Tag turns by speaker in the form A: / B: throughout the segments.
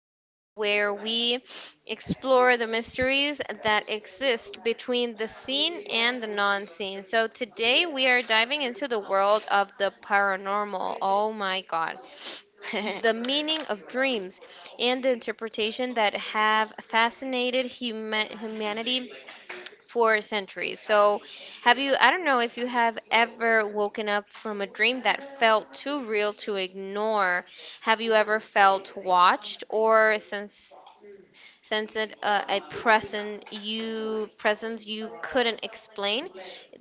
A: we where we explore the mysteries that exist between the seen and the non-seen. So today we are diving into the world of the paranormal. Oh my god. The meaning of dreams and the interpretation that have fascinated humanity for centuries. So, I don't know if you have ever woken up from a dream that felt too real to ignore. Have you ever felt watched or since sense that a present you presence you couldn't explain,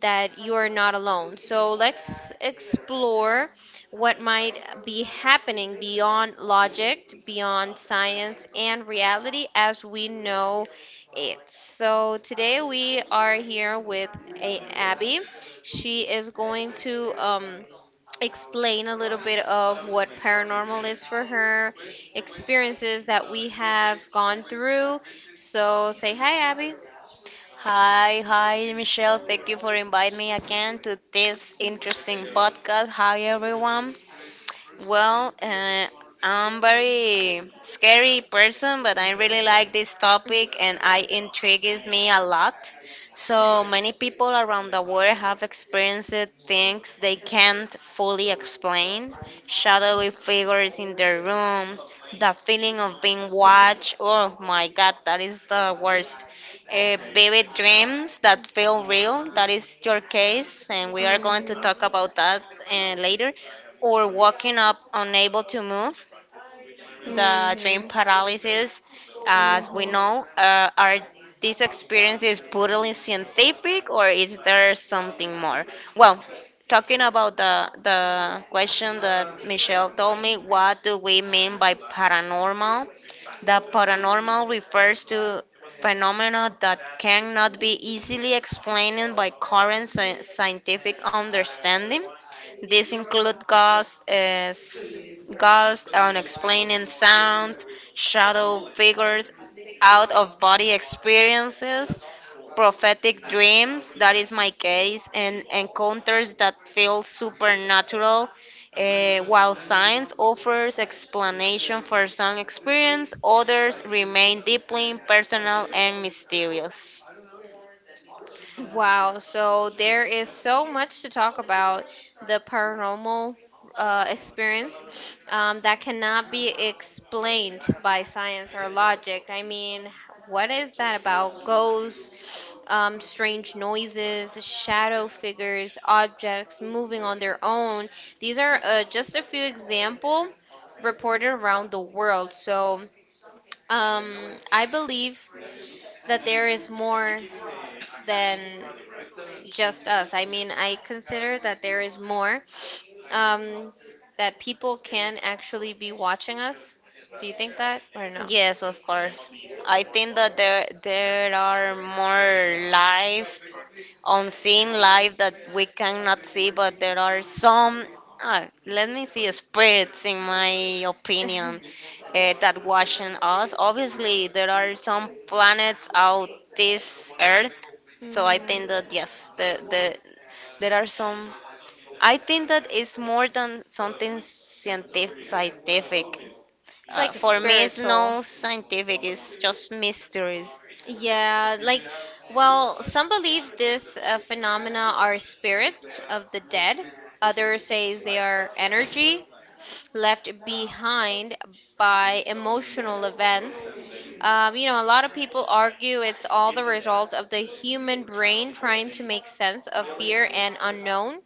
A: that you are not alone. So let's explore what might be happening beyond logic, beyond science and reality as we know it. So today we are here with Abby. She is going to explain a little bit of what paranormal is for her, experiences that we have gone through. So say hi, Abby.
B: Hi, hi, Michelle. Everybody to this podcast. Hi, everyone. Well, I'm very awesome, but I like this topic and I intrigues me a lot. So many people around the world have experienced things they can't fully explain. Shadowy figures in their rooms, the feeling of being watched. Oh my god, that is the worst. Vivid dreams that feel real. That is your case, and we are going to
A: Mhm.
B: talk about that later, or waking up unable to move, the dream
A: Mhm.
B: paralysis, as we
A: Mhm.
B: know. Are these experiences purely scientific, or is there something more? Well, talking about the question that Michelle told me, what do we mean by paranormal? The paranormal refers to phenomena that cannot be easily explained by current scientific understanding. These include ghosts, unexplained sounds, shadow figures, out of body experiences, prophetic dreams, that is my case, and encounters that feel supernatural. While science offers explanation for some experience, others remain deeply personal and mysterious.
A: Wow, so there is so much to talk about the paranormal experience that cannot be explained by science or logic. I mean, what is that about? Ghosts, strange noises, shadow figures, objects moving on their own. These are just a few example reported around the world. So I believe that there is more than just us. I mean, I consider that there is more um, that people can actually be watching us. Do you think that or no?
B: Yes, of course. I think that there are more live, unseen live that we cannot see, but there are some. Let me see, spirits, in my opinion, that watching us. Obviously, there are some planets out this Earth, so I
A: Mm.
B: think that yes, the there are some. I think that it's more than something scientific.
A: It's like
B: For me, it's
A: spiritual.
B: no scientific, it's just mysteries.
A: Yeah, like, well, some believe this phenomena are spirits of the dead. Others says they are energy left behind by emotional events. You know, a lot of people argue it's all the result of the human brain trying to make sense of fear and unknown.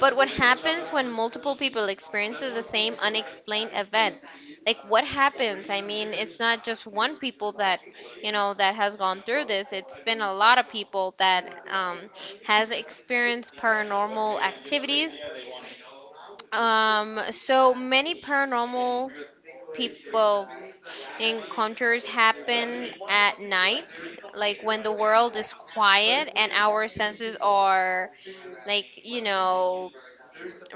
A: But what happens when multiple people experience the same unexplained event? Like what happens? I mean, it's not just one people that, you know, that has gone through this. It's been a lot of people that has experienced paranormal activities. So many paranormal people encounters happen at night, like when the world is quiet and our senses are like, you know,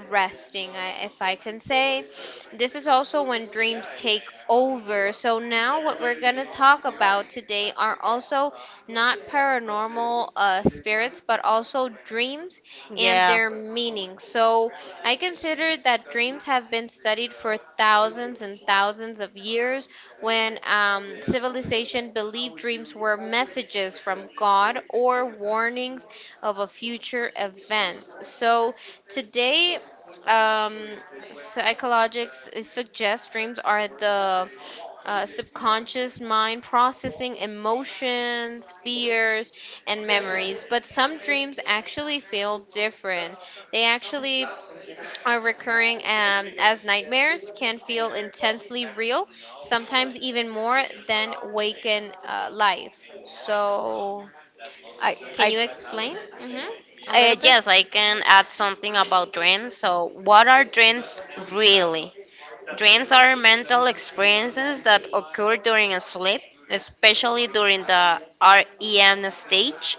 A: resting, if I can say. This is also when dreams take over. So, now what we're going to talk about today are also not paranormal spirits, but also dreams and
B: Yeah.
A: their meaning. So, I consider that dreams have been studied for thousands and thousands of years when civilization believed dreams were messages from God or warnings of a future event. So today um, psychologists suggest dreams are the subconscious mind processing emotions, fears, and memories. But some dreams actually feel different. They actually are recurring as nightmares, can feel intensely real, sometimes even more than waken life. So,
B: I,
A: can
B: I,
A: you explain hmm a little bit?
B: yes, I can add something about dreams. So, what are dreams really? Dreams are mental experiences that occur during a sleep, especially during the REM stage.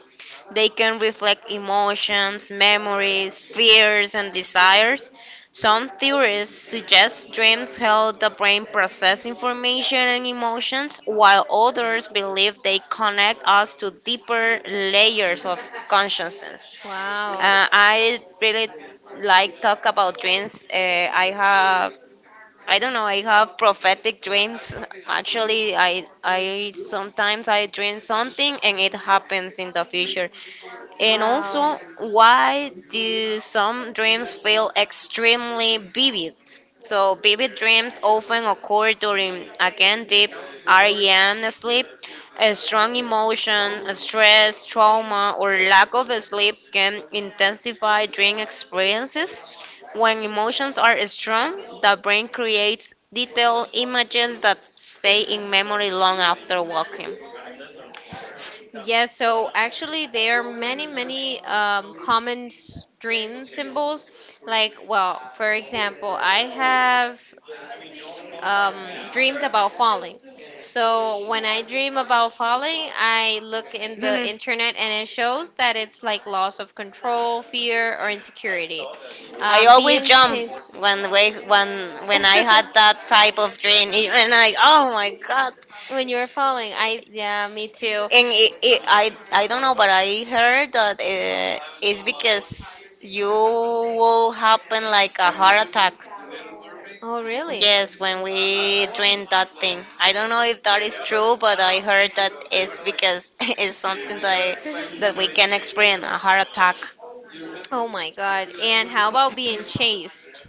B: They can reflect emotions, memories, fears, and desires. Some theorists suggest dreams help the brain process information and emotions, while others believe they connect us to deeper layers of consciousness.
A: Wow.
B: Uh, I really like talk about dreams. I have I don't know. I have prophetic dreams. Actually, I sometimes I dream something and it happens in the future. And also,
A: Wow.
B: why do some dreams feel extremely vivid? So, vivid dreams often occur during, again, deep REM sleep. A strong emotion, stress, trauma, or lack of sleep can intensify dream experiences. When emotions are strong, the brain creates detailed images that stay in memory long after waking.
A: Yes, so actually, there are many, many dream symbols. Like, well, for example, I have dreamed about falling. So when I dream about falling, I look in the internet and it shows that it's like loss of control, fear, or insecurity.
B: I always
A: Being
B: jump
A: chased.
B: when we when I had that type of dream, and I, oh my god,
A: When you were falling, I, yeah, me too.
B: and it, I don't know, but I heard that it's because you will happen like a heart attack.
A: Oh, really?
B: Yes, when we dream that thing. I don't know if that is true, but I heard that it's because it's something that we can experience a heart attack.
A: Oh my God. And how about being chased?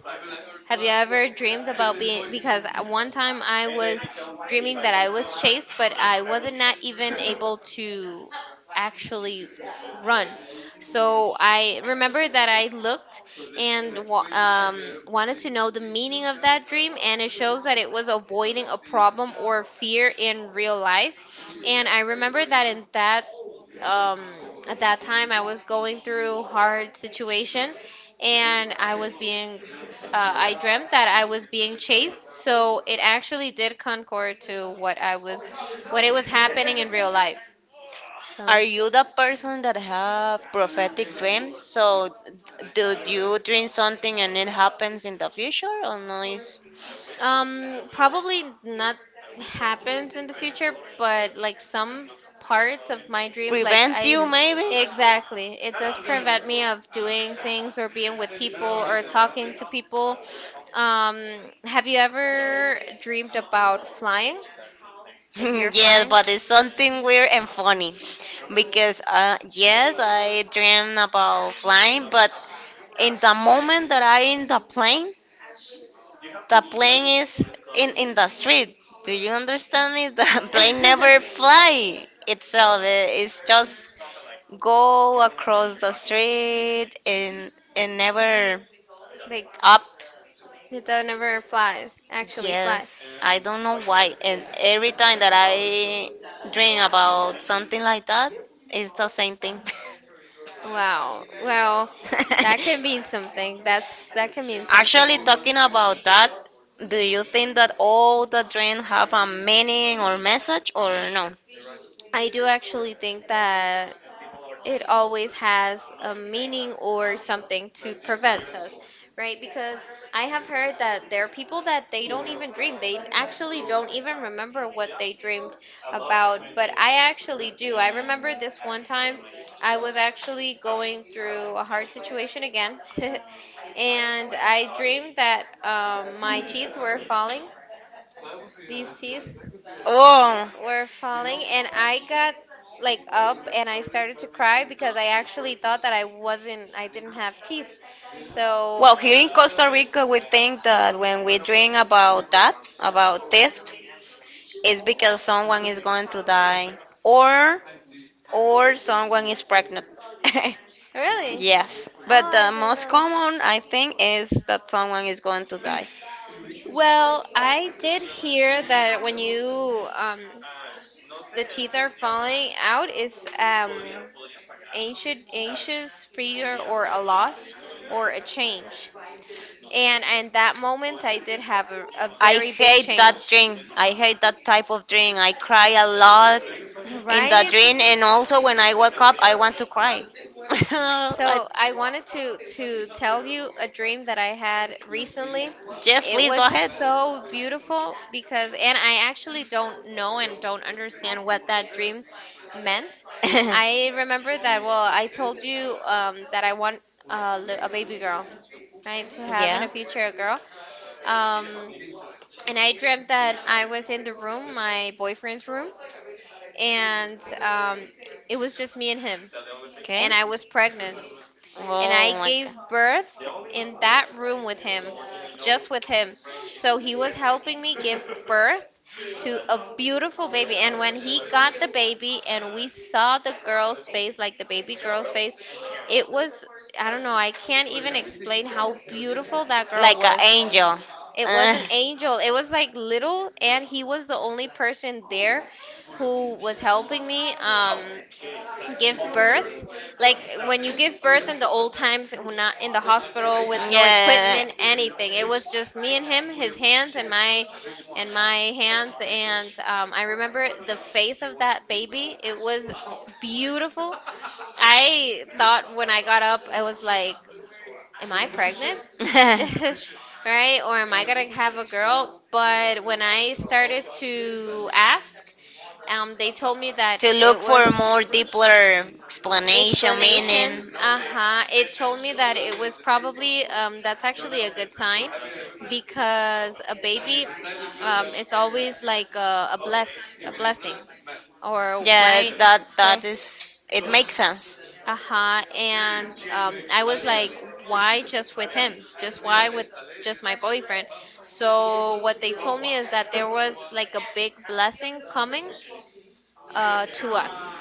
A: Have you ever dreamed about being? Because at one time I was dreaming that I was chased, but I wasn't not even able to actually run. So I remember that I looked and wanted to know the meaning of that dream, and it shows that it was avoiding a problem or fear in real life. And I remember that in that um, at that time I was going through hard situation, and I dreamt that I was being chased. So it actually did concord to what I was, what it was happening in real life. So.
B: Are you the person that have prophetic dreams? So, do you dream something and it happens in the future, or no? Is
A: Probably not happens in the future, but like some parts of my dream, like I
B: you maybe?
A: exactly, it does prevent me of doing things or being with people or talking to people. Um, have you ever dreamed about flying? Like you're
B: Yes,
A: flying?
B: but it's something weird and funny, because yes, I dream about flying, but in the moment that I in the plane, the plane is in the street. Do you understand me? The plane never fly itself. It's just go across the street and never
A: Like
B: up.
A: it don't ever flies, actually flies.
B: Yes, I don't know why. And every time that I dream about something like that, it's the same thing.
A: Wow. Well, that can mean something. That can mean
B: Actually,
A: something.
B: talking about that, do you think that all the dreams have a meaning or message or no?
A: I do actually think that it always has a meaning or something to prevent us, right? Because I have heard that there are people that they don't even dream. They actually don't even remember what they dreamed about, but I actually do. I remember this one time I was actually going through a hard situation again. And I dreamed that my teeth were falling. These teeth
B: Oh.
A: were falling and I got like up and I started to cry because I actually thought that I didn't have teeth. So
B: Well, here in Costa Rica, we think that when we dream about that, about death, it's because someone is going to die, or or someone is pregnant.
A: really?
B: Yes,
A: Oh,
B: but
A: I
B: the
A: didn't
B: most
A: know.
B: common, I think, is that someone is going to die.
A: Well, I did hear that when you the teeth are falling out is ancient anxious fear or a loss or a change. And in that moment I did have a
B: I
A: very big
B: hate that
A: change.
B: dream. I hate that type of dream. I cry a lot in the
A: Right?
B: dream, and also when I wake up, I want to cry.
A: So I wanted to tell you a dream that I had recently.
B: Yes,
A: It
B: please.
A: was so beautiful because, and I actually don't know and don't understand what that dream meant. I remember that, well, I told you that I want a baby girl, right? To have in the future a girl. Um, and I dreamt that I was in the room, my boyfriend's room, and it was just me and him, and I was pregnant and I gave birth in that room with him, just with him. So he was helping me give birth to a beautiful baby. And when he got the baby and we saw the girl's face, like the baby girl's face, it was, I don't know, I can't even explain how beautiful that girl was. It was an angel. It was like little, and he was the only person there who was helping me. Give birth like when you give birth in the old times and we're not in the hospital with no equipment anything. It was just me and him, his hands and my hands, and I remember the face of that baby. It was beautiful. I thought when I got up I was like, am I pregnant? Right? Or am I gonna have a girl? But when I started to ask they told me that
B: To
A: it
B: look for a
A: was
B: more deeper explanation,
A: explanation.
B: meaning.
A: Uh-huh. It told me that it was probably that's actually a good sign because a baby is always like a bless a blessing or
B: uh,
A: right.
B: that
A: So
B: that is, it makes sense.
A: uh-huh. And I was like, why just with him? Just why with Just my boyfriend? So what they told me is that there was like a big blessing coming to us,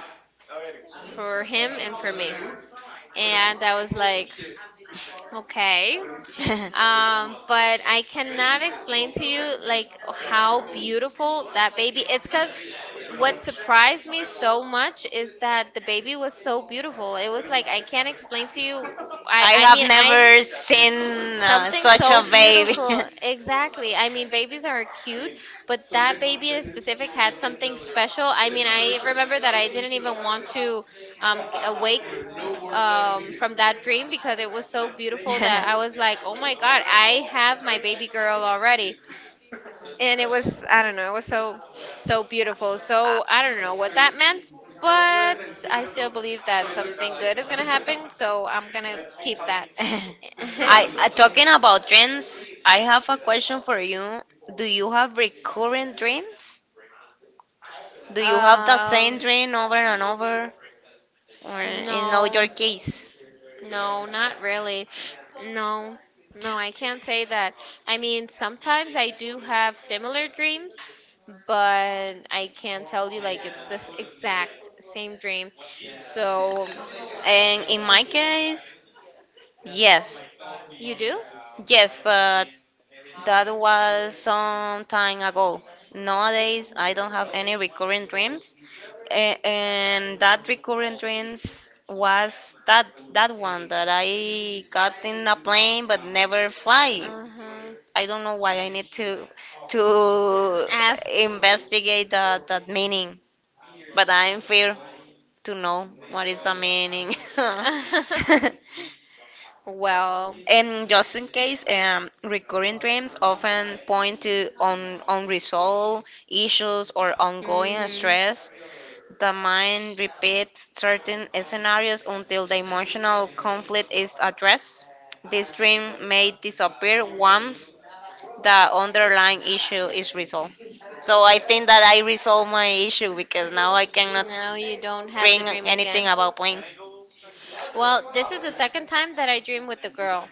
A: for him and for me. And I was like, okay. But I cannot explain to you like how beautiful that baby. It's because what surprised me so much is that the baby was so beautiful. It was like I can't explain to you. I mean I
B: Sin,
A: something so
B: baby.
A: beautiful. Exactly. I mean, babies are cute, but that baby in specific had something special. I mean, I remember that I didn't even want to awake from that dream because it was so beautiful that I was like, oh my God, I have my baby girl already. And it was, I don't know, it was so, so beautiful. So I don't know what that meant, but I still believe that something good is going to happen. So I'm going to keep that.
B: I Talking about dreams, I have a question for you. Do you have recurrent dreams? Do you have the
A: Um,
B: same dream over and over, or is not
A: no,
B: your case?
A: no, not really. No, no, I can't say that. I mean, sometimes I do have similar dreams, but I can't tell you like it's this exact same dream. So,
B: And in my case, yes,
A: you do?
B: yes, but that was some time ago. Nowadays, I don't have any recurring dreams, and that recurring dreams was that, that one that I got in a plane but never fly.
A: Uh-huh.
B: I don't know why I need to
A: Ask.
B: investigate that meaning, but I'm fear to know what is the meaning.
A: Well,
B: And just in case, recurring dreams often point to unresolved issues or ongoing
A: mhm.
B: stress. The mind repeats certain scenarios until the emotional conflict is addressed. This dream may disappear once the underlying issue is resolved. So I think that I resolved my issue because now I cannot
A: Now you don't have
B: bring
A: the dream
B: anything
A: again.
B: about planes.
A: Well, this is the second time that I dream with the girl.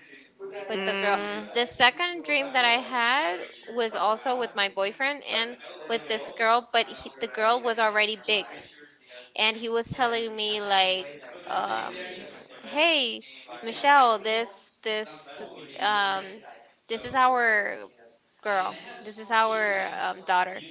A: With the girl. The second dream that I had was also with my boyfriend and with this girl, but he, the girl was already big. And he was telling me like, "Hey,
B: Mm.
A: Michelle, this um, this is our girl. This is our daughter."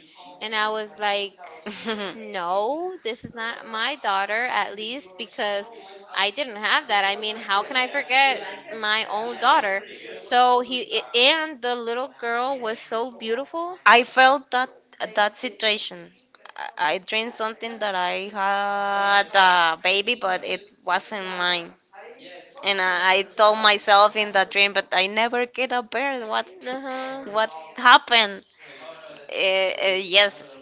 A: And I was like, no, this is not my daughter, at least because I didn't have that. I mean, how can I forget my own daughter? So he, and the little girl was so beautiful.
B: I felt that situation. I dreamed something that I had a baby, but it wasn't mine. And I told myself in that dream, but I never get a bear. What
A: Uh huh.
B: what happened? Yes,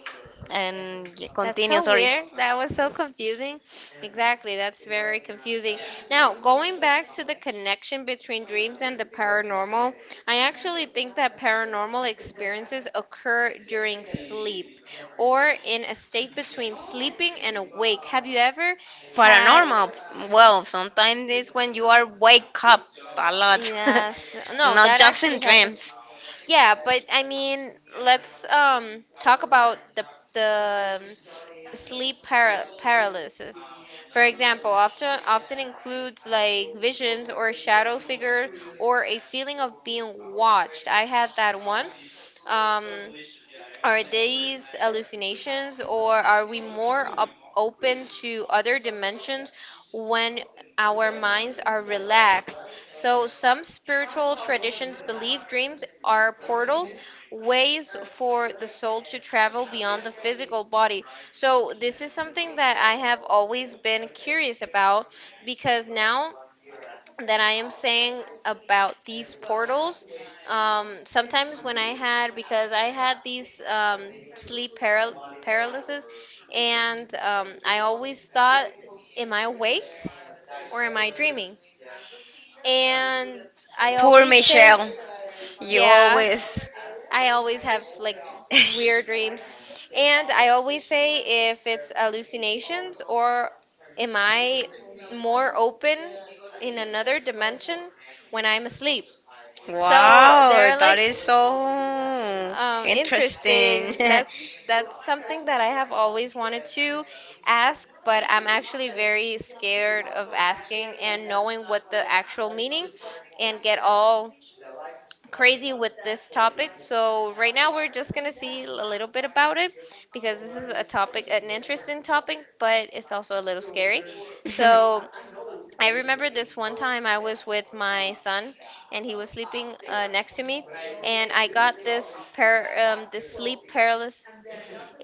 B: and
A: That's
B: continue.
A: so
B: Sorry.
A: weird. That was so confusing. Exactly, that's very confusing. Now, going back to the connection between dreams and the paranormal, I actually think that paranormal experiences occur during sleep or in a state between sleeping and awake. Have you ever had?
B: Paranormal. Well, sometimes it's when you are wake up a lot,
A: Yes. No,
B: not
A: that
B: just in
A: actually happened.
B: dreams.
A: Yeah, but I mean, let's talk about the the um, paralysis. For example, often includes like visions or shadow figures or a feeling of being watched. I had that once. Are these hallucinations, or are we more open to other dimensions when our minds are relaxed? So, some spiritual traditions believe dreams are portals, ways for the soul to travel beyond the physical body. So, this is something that I have always been curious about because now that I am saying about these portals. Sometimes when I had, because I had these paralysis, and I always thought, am I awake or am I dreaming? And I
B: Poor
A: always say,
B: Michelle, you
A: yeah,
B: always.
A: I always have like weird dreams. And I always say if it's hallucinations or am I more open in another dimension when I'm asleep? So
B: Wow, that is so
A: interesting.
B: interesting.
A: That's something that I have always wanted to ask, but I'm actually very scared of asking and knowing what the actual meaning and get all crazy with this topic. So right now we're just gonna see a little bit about it because this is a topic, an interesting topic, but it's also a little scary. So I remember this one time I was with my son and he was sleeping next to me and I got this sleep paralysis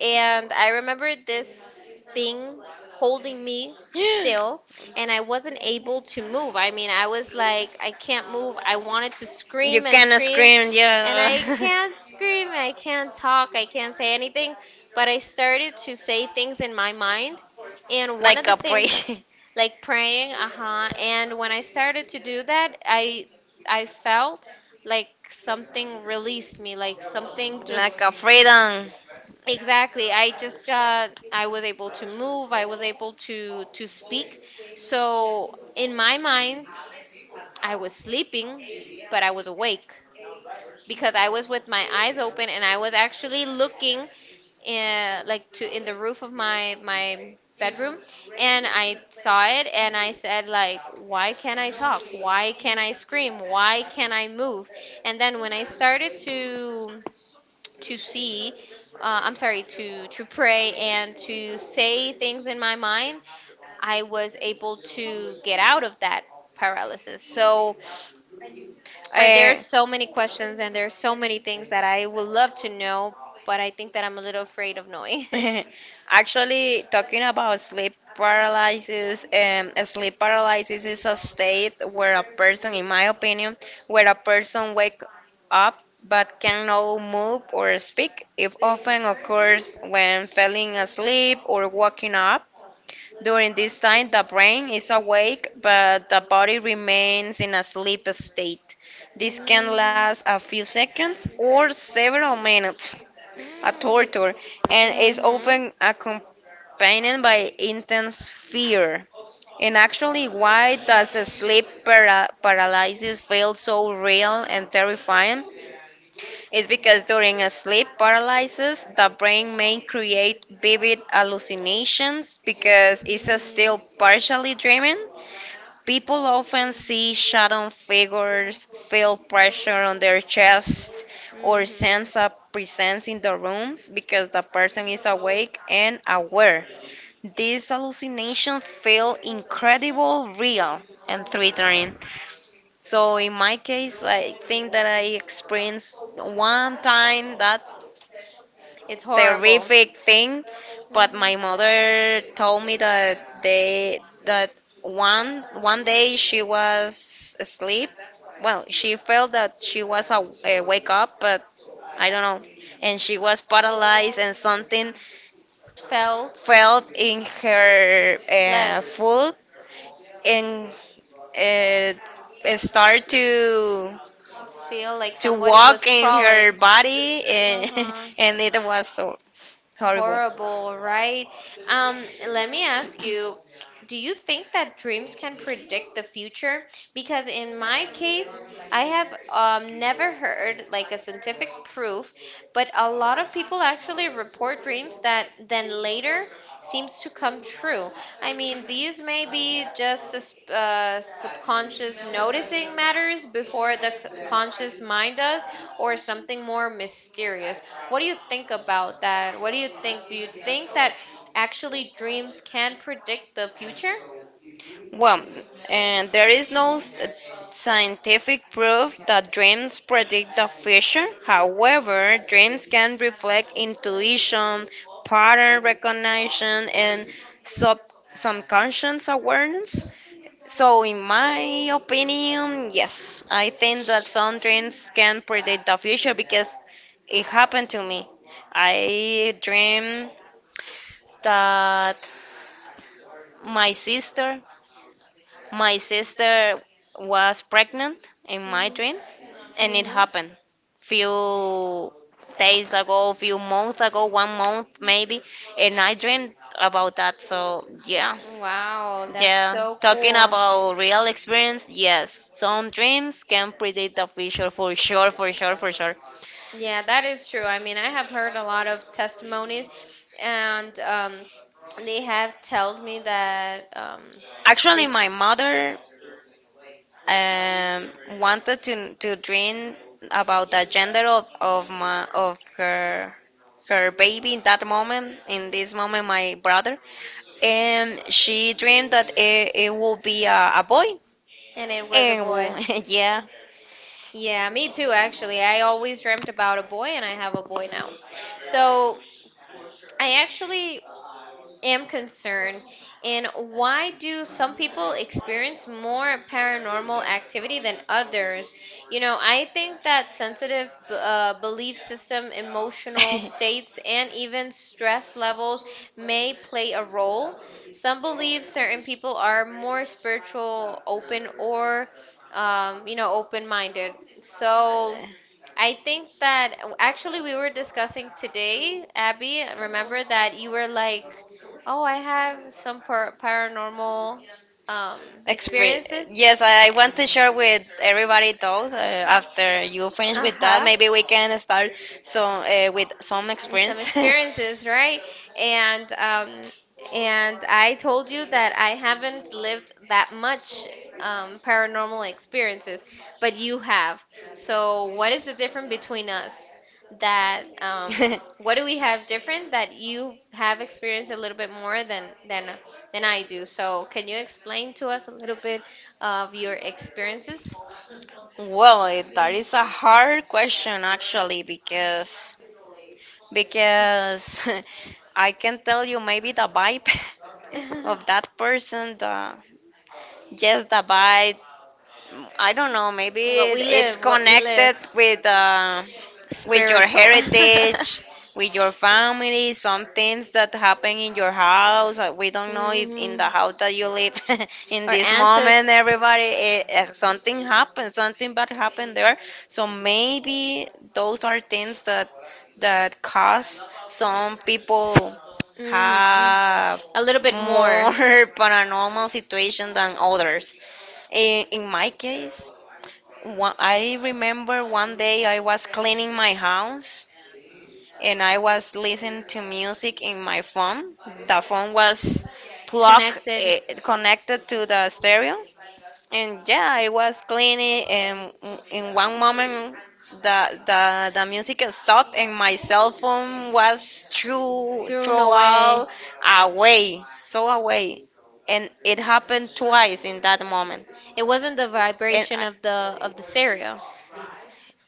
A: and I remember this thing holding me still and I wasn't able to move. I mean, I was like I can't move. I wanted to
B: You
A: scream and
B: cannot
A: scream
B: scream,
A: and
B: yeah.
A: I can't scream. I can't talk. I can't say anything, but I started to say things in my mind and one of
B: Like
A: the
B: a
A: things
B: crazy,
A: like praying uh-huh and when I started to do that I felt like something released me like something
B: like a
A: just
B: freedom.
A: exactly I just got I was able to move I was able to speak so in my mind I was sleeping but I was awake because I was with my eyes open and I was actually looking in, like to in the roof of my bedroom and I saw it and I said like why can't I talk? Why can't I scream? Why can't I move? And then when I started to see I'm sorry to pray and to say things in my mind, I was able to get out of that paralysis. So there are so many questions and there are so many things that I would love to know, but I
B: Uh,
A: think that I'm a little afraid of knowing.
B: Actually, talking about sleep paralysis is a state where a person, in my opinion, where a person wake up but cannot move or speak. It often occurs when falling asleep or waking up. During this time, the brain is awake but the body remains in a sleep state. This can
A: Mm.
B: last a few seconds or several minutes, a
A: Mm.
B: torture, and is
A: Mhm.
B: often accompanied by intense fear. And actually, why does sleep paralysis feel so real and terrifying? It's because during a sleep paralysis, the brain may create vivid hallucinations because it's
A: Mhm.
B: still partially dreaming. People often see shadow figures, feel pressure on their chest, or
A: Mhm.
B: sense a presence in the rooms because the person is awake and aware. These hallucinations feel incredible, real, and threatening. So in my case, I think that I experienced one time that
A: It's horrible.
B: terrific thing, but
A: Mhm.
B: my mother told me that they that one one day she was asleep. Well, she felt that she was a wake up, but I don't know. And she was paralyzed, and something
A: Felt
B: fell in her
A: legs
B: foot, and uh, it start to
A: feel like
B: to
A: somebody was
B: walk in her
A: crawling.
B: body,
A: Uh huh.
B: and it was so horrible.
A: Horrible, right? Um, Let me ask you, do you think that dreams can predict the future? Because in my case, I have never heard like a scientific proof, but a lot of people actually report dreams that then later seems to come true. I mean, these may be just subconscious noticing matters before the conscious mind does, or something more mysterious. What do you think about that? What do you think? Do you think that actually dreams can predict the future?
B: Well, and there is no scientific proof that dreams predict the future. However, dreams can reflect intuition, pattern recognition, and sub subconscious awareness. So, in my opinion, yes, I think that some dreams can predict the future because it happened to me. I dreamed that my sister My sister was pregnant in my dream, and it
A: Hmm.
B: happened few days ago, few months ago, one month maybe, and I dreamed about that. So yeah,
A: Wow, that's
B: yeah.
A: so
B: Talking
A: cool.
B: about real experience, yes, some dreams can predict the future for sure, for sure, for sure.
A: Yeah, that is true. I mean, I have heard a lot of testimonies, and they have told me that
B: Actually,
A: they
B: my mother wanted to dream about the gender of her baby in that moment, in this moment, my brother. And she dreamed that it will be a boy.
A: and it was a
B: And
A: boy.
B: well, yeah.
A: Yeah, me too, actually. I always dreamt about a boy, and I have a boy now. So I actually am concerned. And why do some people experience more paranormal activity than others? You know, I think that sensitive belief system, emotional states, and even stress levels may play a role. Some believe certain people are more spiritual, open, or, you know, open minded. So, I think that actually we were discussing today, Abby. Remember that you were like, "Oh, I have some paranormal um
B: Expe-
A: experiences."
B: yes, I want to share with everybody those. After you finish
A: Uh
B: with that,
A: huh.
B: maybe we can start, so, with some
A: Some
B: experience.
A: experiences, right? And um, and I told you that I haven't lived that much paranormal experiences, but you have. So what is the difference between us? That what do we have different that you have experienced a little bit more than than I do? So can you explain to us a little bit of your experiences?
B: Well, that is a hard question actually because because I can tell you maybe the vibe of that person, the yes, the vibe. I don't know. Maybe it's
A: What we live,
B: connected with with your
A: spiritual.
B: heritage, with your family, some things that happen in your house. We don't know if in
A: Hmm.
B: the house that you live in
A: Our
B: this
A: ancestors,
B: moment, everybody, something happened, something bad happened there. So maybe those are things that cause some people
A: hmm,
B: have
A: a little bit
B: more
A: more
B: paranormal situation than others. In my case, one, I remember one day I was cleaning my house and I was listening to music in my phone. The phone was plugged,
A: connected
B: connected to the stereo, and yeah, I was cleaning, and in one moment, the music stopped, and my cell phone was threw
A: through
B: throw
A: no way.
B: out away, so away, and it happened twice in that moment,
A: It wasn't the
B: and
A: vibration of the stereo.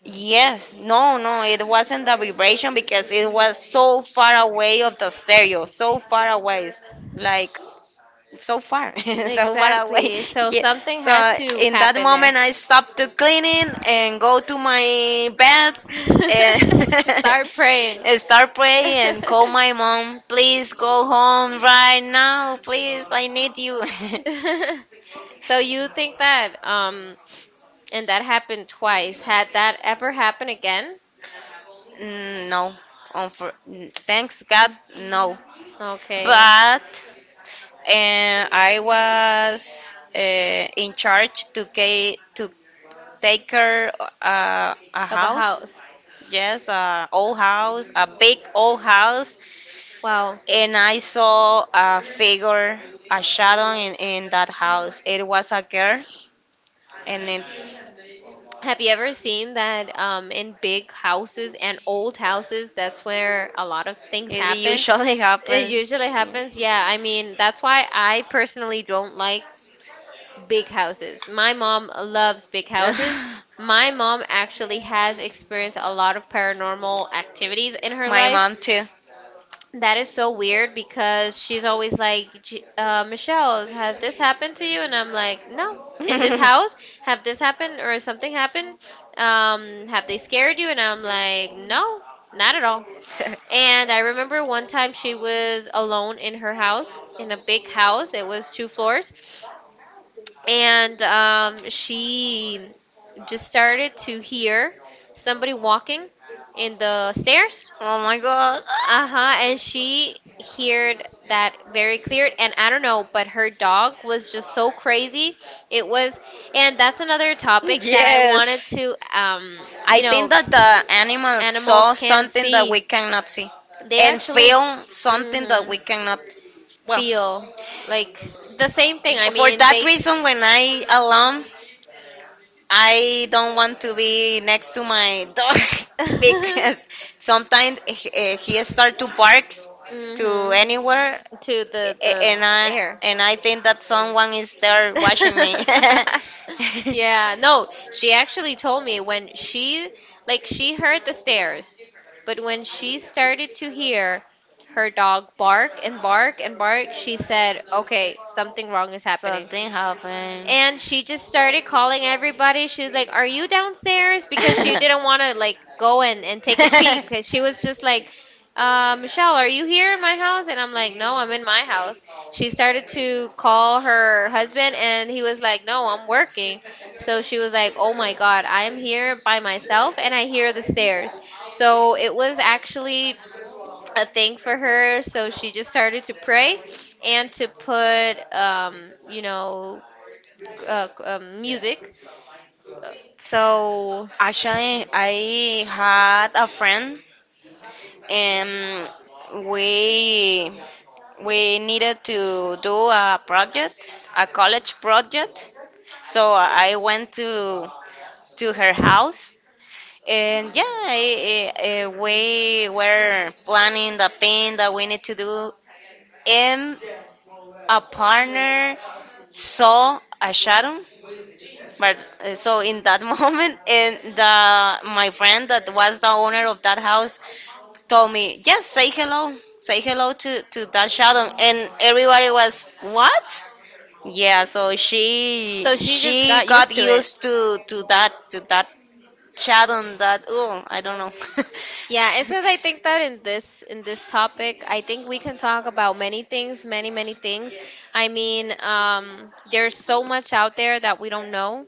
B: yes, no, no, it wasn't the vibration because it was so far away of the stereo, so far away, like so far, so far away.
A: Exactly. So
B: Yeah.
A: something
B: So
A: had to
B: in that
A: happen there.
B: moment, I stopped to cleaning and go to my bed and
A: Start praying.
B: and start praying and call my mom. Please go home right now, please. I need you.
A: So you think that and that happened twice. Had that ever happened again?
B: Mm, no, um, thanks God, no.
A: Okay.
B: But and I was in charge to take care a
A: Of a
B: house.
A: house.
B: Yes, a old house, a big old house,
A: Wow.
B: and I saw a figure, a shadow in that house. It was a girl, and it,
A: Have you ever seen that in big houses and old houses? That's where a lot of things
B: it
A: happen.
B: usually
A: It
B: happens.
A: usually happens. Yeah, I mean, that's why I personally don't like big houses. My mom loves big houses. My mom actually has experienced a lot of paranormal activities in her
B: My
A: life.
B: mom too.
A: That is so weird because she's always like, Michelle, has this happened to you?" And I'm like, no. In this house,
B: Oh
A: have this happened or something happened? Have they scared you? And I'm like, no, not at all. And I remember one time she was alone in her house, in a big house. It was two floors. And she just started to hear somebody walking in the stairs,
B: my god.
A: uh-huh, and she heard that very clear and I don't know, but her dog was just so crazy. It was and that's another topic that I wanted
B: Yes.
A: to
B: I
A: you
B: think
A: know,
B: that the animals saw
A: animals can't
B: something that we
A: see.
B: cannot see
A: They
B: and
A: actually
B: feel something that
A: mhm
B: we cannot. Well,
A: feel like the same thing. I
B: for
A: mean,
B: that
A: they
B: reason, when I alone, I don't want to be next to my dog because sometimes he start to bark
A: mhm
B: to anywhere,
A: to the
B: a-
A: the
B: and I
A: air.
B: and I think that someone is there watching me.
A: Yeah, no, she actually told me when she like she heard the stairs, but when she started to hear her dog bark and bark and bark, she said, "Okay, something wrong is happening."
B: Something happened.
A: And she just started calling everybody. She was like, "Are you downstairs?" Because she didn't want to like go and take a peek. 'Cause she was just like, "Michelle, are you here in my house?" And I'm like, "No, I'm in my house." She started to call her husband, and he was like, "No, I'm working." So she was like, "Oh my God, I am here by myself, and I hear the stairs." So it was actually a thing for her. So she just started to pray and to put, you know music. Uh, So
B: Actually, I had a friend and we we needed to do a project, a college project. So I went to her house, and yeah, we were planning the thing that we need to do, and a partner saw a shadow. But so in that moment, and the my friend that was the owner of that house told me, yes, say hello, say hello to that shadow, and everybody was what? Yeah, so she
A: so she just
B: she
A: got
B: got
A: used to it.
B: used to that shadow, that, oh, I don't know.
A: Yeah, it's because I think that in this topic, I think we can talk about many things, many things. I mean, there's so much out there that we don't know,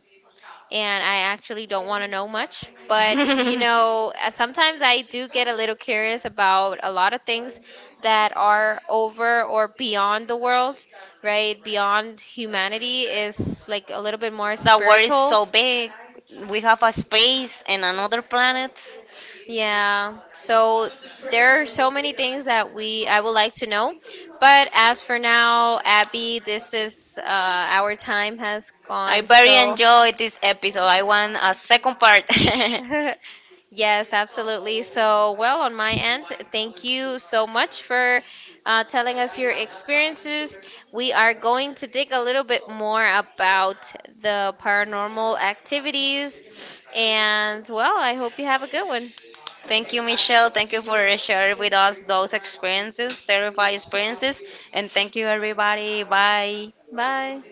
A: and I actually don't want to know much. But you know, sometimes I do get a little curious about a lot of things that are over or beyond the world right beyond humanity is like a little bit more spiritual.
B: So big, we have a space and another planet.
A: Yeah. So there are so many things that we I would like to know. But as for now, Abby, this is our time has
B: I
A: gone.
B: very
A: So
B: enjoyed this episode. I want a second part.
A: yes, absolutely. So well, on my end, thank you so much for telling us your experiences. We are going to dig a little bit more about the paranormal activities, and well, I hope you have a good one.
B: Thank you, Michelle. Thank you for sharing with us those experiences, terrifying experiences. And thank you, everybody. Bye.
A: Bye.